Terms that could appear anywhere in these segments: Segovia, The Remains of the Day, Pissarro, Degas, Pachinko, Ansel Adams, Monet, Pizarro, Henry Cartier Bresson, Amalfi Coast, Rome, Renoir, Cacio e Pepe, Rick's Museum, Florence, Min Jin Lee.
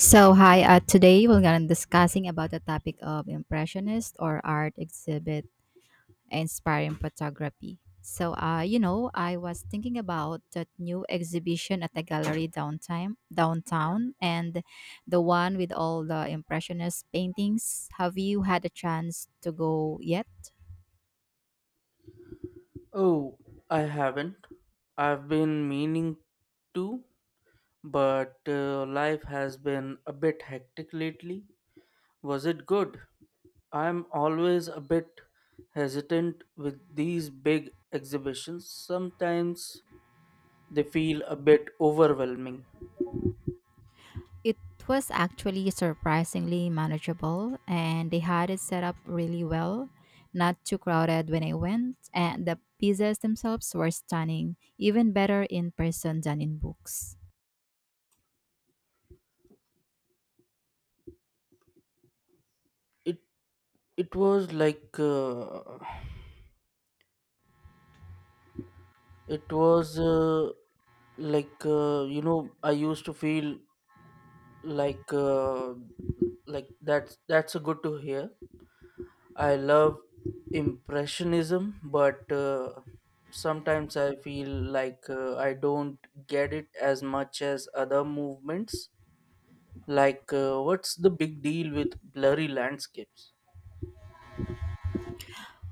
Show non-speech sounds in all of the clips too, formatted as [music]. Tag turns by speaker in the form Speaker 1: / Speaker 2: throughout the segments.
Speaker 1: So hi, today we're gonna discussing about the topic of impressionist or art exhibit inspiring photography. I was thinking about that new exhibition at the gallery downtown, and the one with all the impressionist paintings. Have you had a chance to go yet?
Speaker 2: Oh, I haven't. I've been meaning to, but life has been a bit hectic lately. Was it good? I'm always a bit hesitant with these big exhibitions. Sometimes they feel a bit overwhelming.
Speaker 1: It was actually surprisingly manageable and they had it set up really well, not too crowded when I went, and the pieces themselves were stunning, even better in person than in books.
Speaker 2: It it was like uh, it was like you know I used to feel like uh, like that's a good to hear. I love impressionism, but sometimes I feel I don't get it as much as other movements. What's the big deal with blurry landscapes?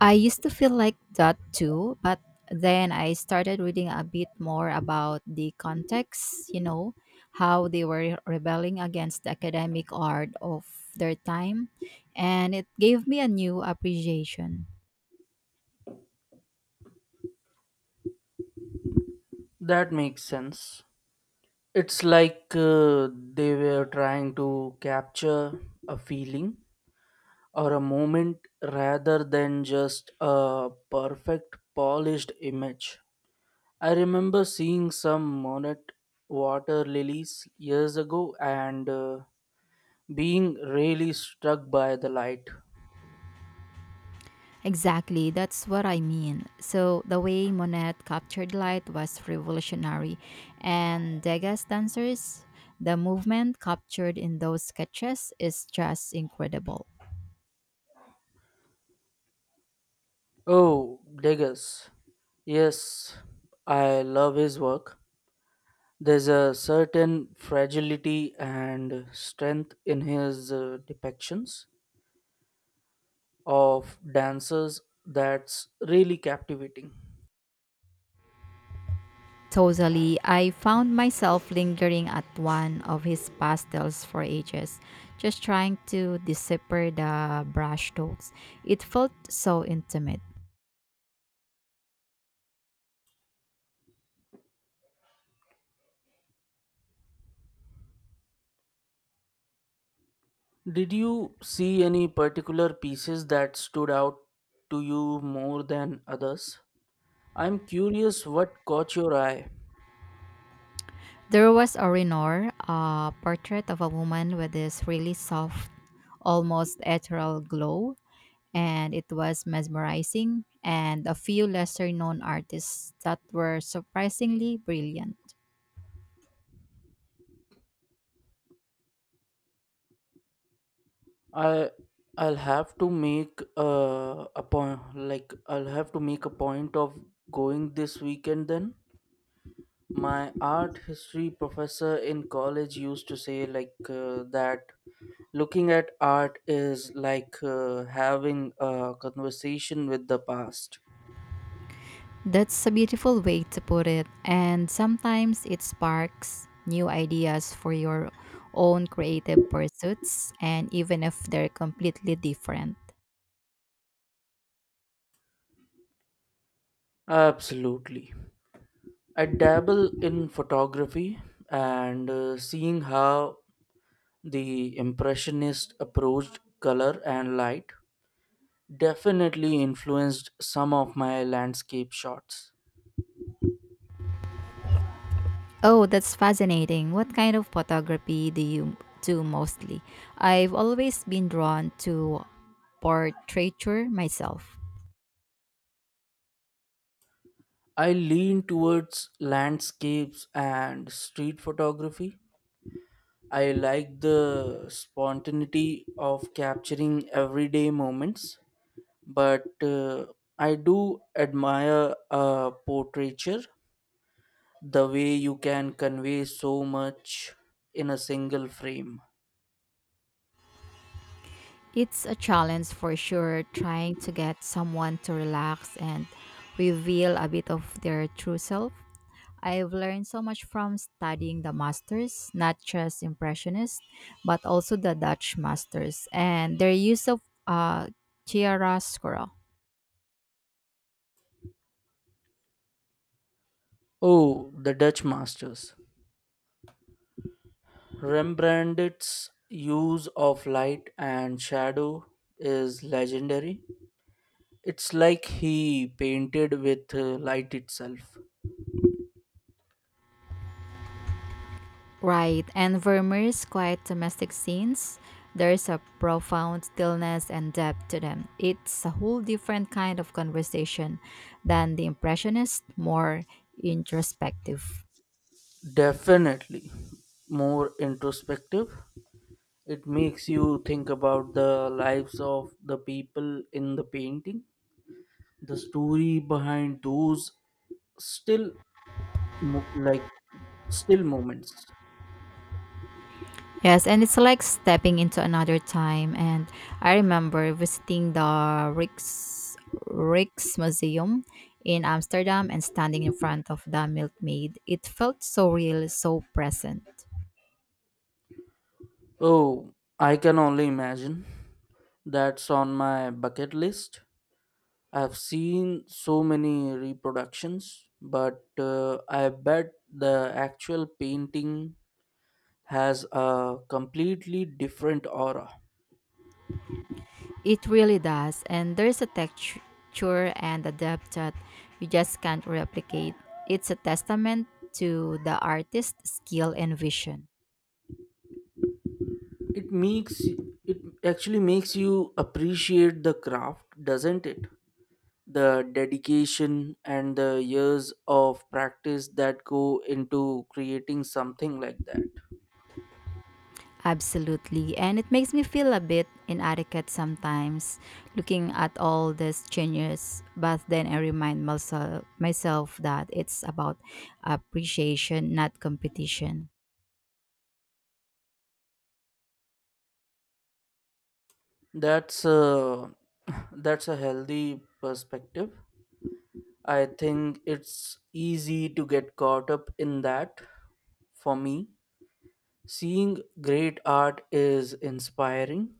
Speaker 1: I used to feel like that too, but then I started reading a bit more about the context, how they were rebelling against the academic art of their time, and it gave me a new appreciation.
Speaker 2: That makes sense. It's they were trying to capture a feeling or a moment rather than just a perfect, polished image. I remember seeing some monarch water lilies years ago and being really struck by the light.
Speaker 1: Exactly, that's what I mean. So the way Monet captured light was revolutionary, and Degas dancers, the movement captured in those sketches is just incredible.
Speaker 2: Oh, Degas. Yes, I love his work. There's a certain fragility and strength in his depictions of dancers that's really captivating.
Speaker 1: Totally, I found myself lingering at one of his pastels for ages, just trying to decipher the brushstrokes. It felt so intimate.
Speaker 2: Did you see any particular pieces that stood out to you more than others? I'm curious what caught your eye.
Speaker 1: There was a Renoir, a portrait of a woman with this really soft, almost ethereal glow, and it was mesmerizing, and a few lesser known artists that were surprisingly brilliant.
Speaker 2: I I'll have to make a point like I'll have to make a point of going this weekend then. My art history professor in college used to say that looking at art is having a conversation with the past.
Speaker 1: That's a beautiful way to put it, and sometimes it sparks new ideas for your own creative pursuits, and even if they're completely different.
Speaker 2: Absolutely. I dabble in photography and seeing how the Impressionist approached color and light definitely influenced some of my landscape shots.
Speaker 1: Oh, that's fascinating. What kind of photography do you do mostly? I've always been drawn to portraiture myself.
Speaker 2: I lean towards landscapes and street photography. I like the spontaneity of capturing everyday moments, but I do admire portraiture, the way you can convey so much in a single frame.
Speaker 1: It's a challenge for sure trying to get someone to relax and reveal a bit of their true self. I've learned so much from studying the masters, not just impressionists, but also the Dutch masters and their use of uh, chiaroscuro.
Speaker 2: Oh, the Dutch masters. Rembrandt's use of light and shadow is legendary. It's like he painted with light itself.
Speaker 1: Right, and Vermeer's quiet domestic scenes, there's a profound stillness and depth to them. It's a whole different kind of conversation than the Impressionist, more introspective.
Speaker 2: Definitely more introspective. It makes you think about the lives of the people in the painting, the story behind those still mo- like still moments.
Speaker 1: Yes, and it's like stepping into another time. And I remember visiting the Rick's Museum in Amsterdam and standing in front of the milkmaid. It felt so real, so present.
Speaker 2: Oh, I can only imagine. That's on my bucket list. I've seen so many reproductions, but I bet the actual painting has a completely different aura.
Speaker 1: It really does. And there's a texture and a depth that you just can't replicate. It's a testament to the artist's skill and vision.
Speaker 2: It makes it actually makes you appreciate the craft, doesn't it? The dedication and the years of practice that go into creating something like that.
Speaker 1: Absolutely. And it makes me feel a bit inadequate sometimes looking at all these changes. But then I remind myself that it's about appreciation, not competition.
Speaker 2: That's a [laughs] that's a healthy perspective. I think it's easy to get caught up in that. For me, seeing great art is inspiring.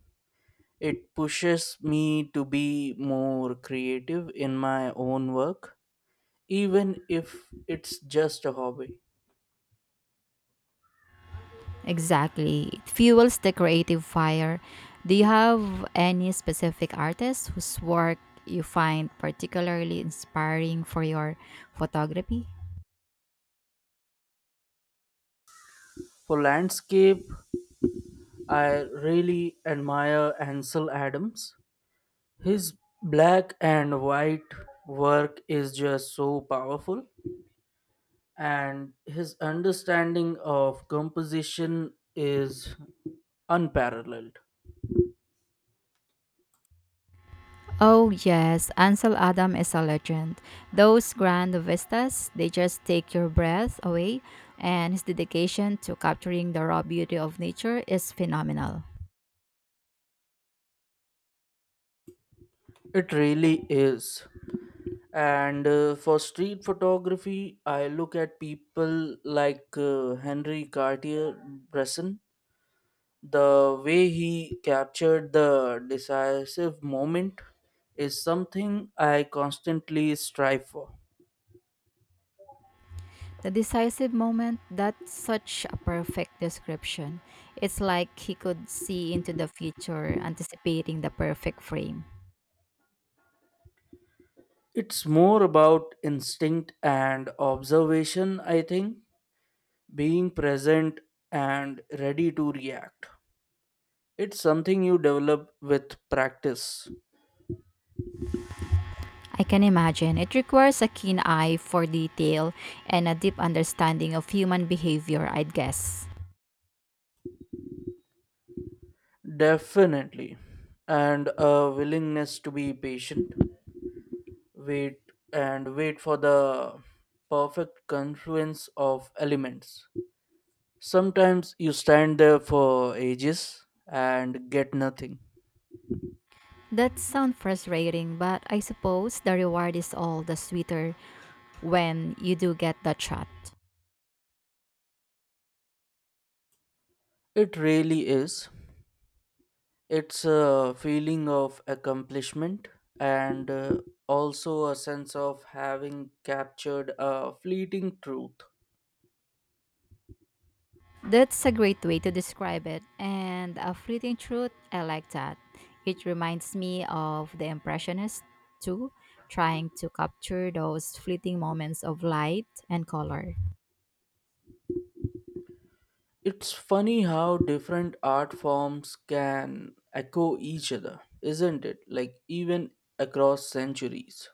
Speaker 2: It pushes me to be more creative in my own work, even if it's just a hobby.
Speaker 1: Exactly. It fuels the creative fire. Do you have any specific artists whose work you find particularly inspiring for your photography?
Speaker 2: For landscape, I really admire Ansel Adams. His black and white work is just so powerful, and his understanding of composition is unparalleled.
Speaker 1: Oh, yes. Ansel Adams is a legend. Those grand vistas, they just take your breath away, and his dedication to capturing the raw beauty of nature is phenomenal.
Speaker 2: It really is. And for street photography, I look at people Henry Cartier Bresson. The way he captured the decisive moment is something I constantly strive for.
Speaker 1: The decisive moment, that's such a perfect description. It's like he could see into the future, anticipating the perfect frame.
Speaker 2: It's more about instinct and observation, I think, being present and ready to react. It's something you develop with practice,
Speaker 1: I can imagine. It requires a keen eye for detail and a deep understanding of human behavior, I'd guess.
Speaker 2: definitely, and a willingness to be patient, wait, and wait for the perfect confluence of elements. Sometimes you stand there for ages and get nothing.
Speaker 1: That sounds frustrating, but I suppose the reward is all the sweeter when you do get the shot.
Speaker 2: It really is. It's a feeling of accomplishment and also a sense of having captured a fleeting truth.
Speaker 1: That's a great way to describe it. And a fleeting truth, I like that. It reminds me of the Impressionists, too, trying to capture those fleeting moments of light and color.
Speaker 2: It's funny how different art forms can echo each other, isn't it? Like, even across centuries.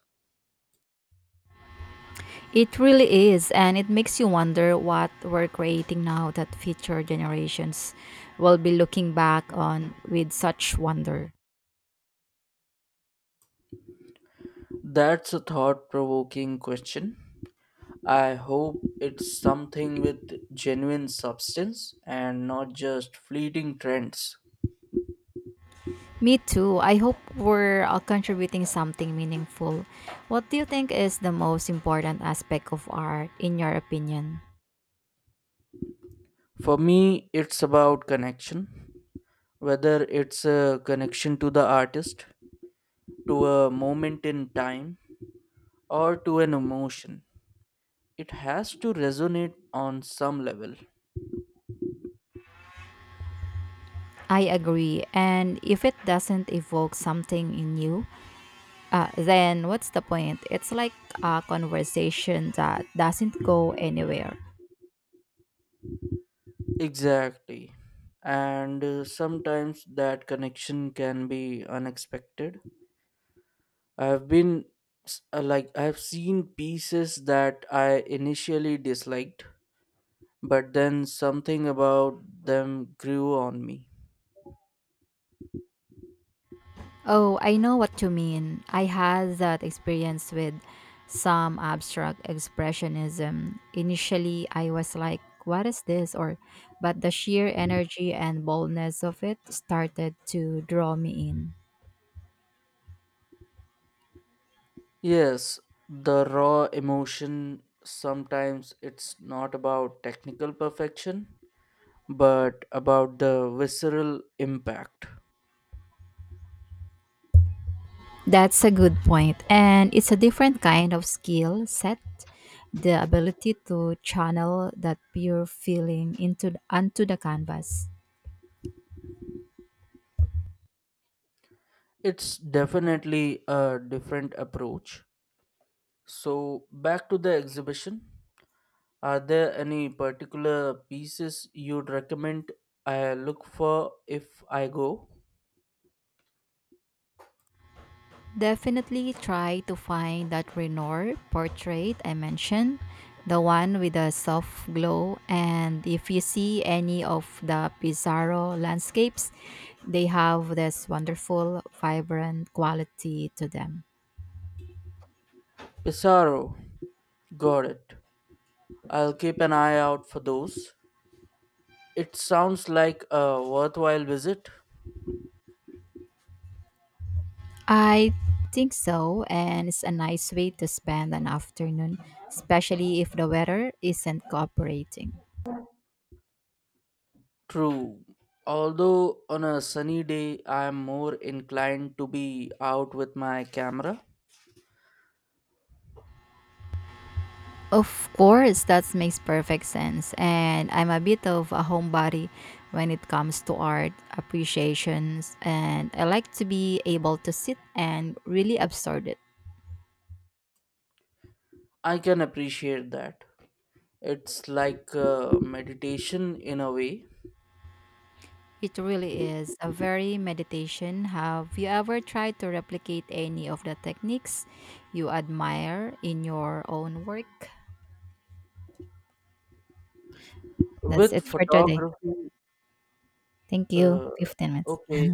Speaker 1: It really is, and it makes you wonder what we're creating now that future generations will be looking back on with such wonder.
Speaker 2: That's a thought provoking question. I hope it's something with genuine substance and not just fleeting trends.
Speaker 1: Me too. I hope we're contributing something meaningful. What do you think is the most important aspect of art, in your opinion?
Speaker 2: For me, it's about connection, whether it's a connection to the artist, to a moment in time, or to an emotion. It has to resonate on some level.
Speaker 1: I agree. And if it doesn't evoke something in you, then what's the point? It's like a conversation that doesn't go anywhere.
Speaker 2: Exactly. And sometimes that connection can be unexpected. I've been s- like, I've seen pieces that I initially disliked, but then something about them grew on me.
Speaker 1: Oh, I know what you mean. I had that experience with some abstract expressionism. Initially, I was like, what is this? Or, but the sheer energy and boldness of it started to draw me in.
Speaker 2: Yes, the raw emotion, sometimes it's not about technical perfection, but about the visceral impact.
Speaker 1: That's a good point. And it's a different kind of skill set. The ability to channel that pure feeling into onto the canvas.
Speaker 2: It's definitely a different approach. So, back to the exhibition. Are there any particular pieces you'd recommend I look for if I go?
Speaker 1: Definitely try to find that Renoir portrait I mentioned, the one with the soft glow. And if you see any of the Pizarro landscapes, they have this wonderful, vibrant quality to them.
Speaker 2: Pissarro, got it. I'll keep an eye out for those. It sounds like a worthwhile visit.
Speaker 1: I think so, and it's a nice way to spend an afternoon, especially if the weather isn't cooperating.
Speaker 2: True. Although on a sunny day I am more inclined to be out with my camera.
Speaker 1: Of course, that makes perfect sense, and I'm a bit of a homebody when it comes to art appreciations, and I like to be able to sit and really absorb it.
Speaker 2: I can appreciate that. It's meditation in a way.
Speaker 1: It really is a very meditation. Have you ever tried to replicate any of the techniques you admire in your own work? That's
Speaker 2: With
Speaker 1: it for today.
Speaker 2: photography,
Speaker 1: Thank you.
Speaker 2: uh,
Speaker 1: 15 minutes.
Speaker 2: okay,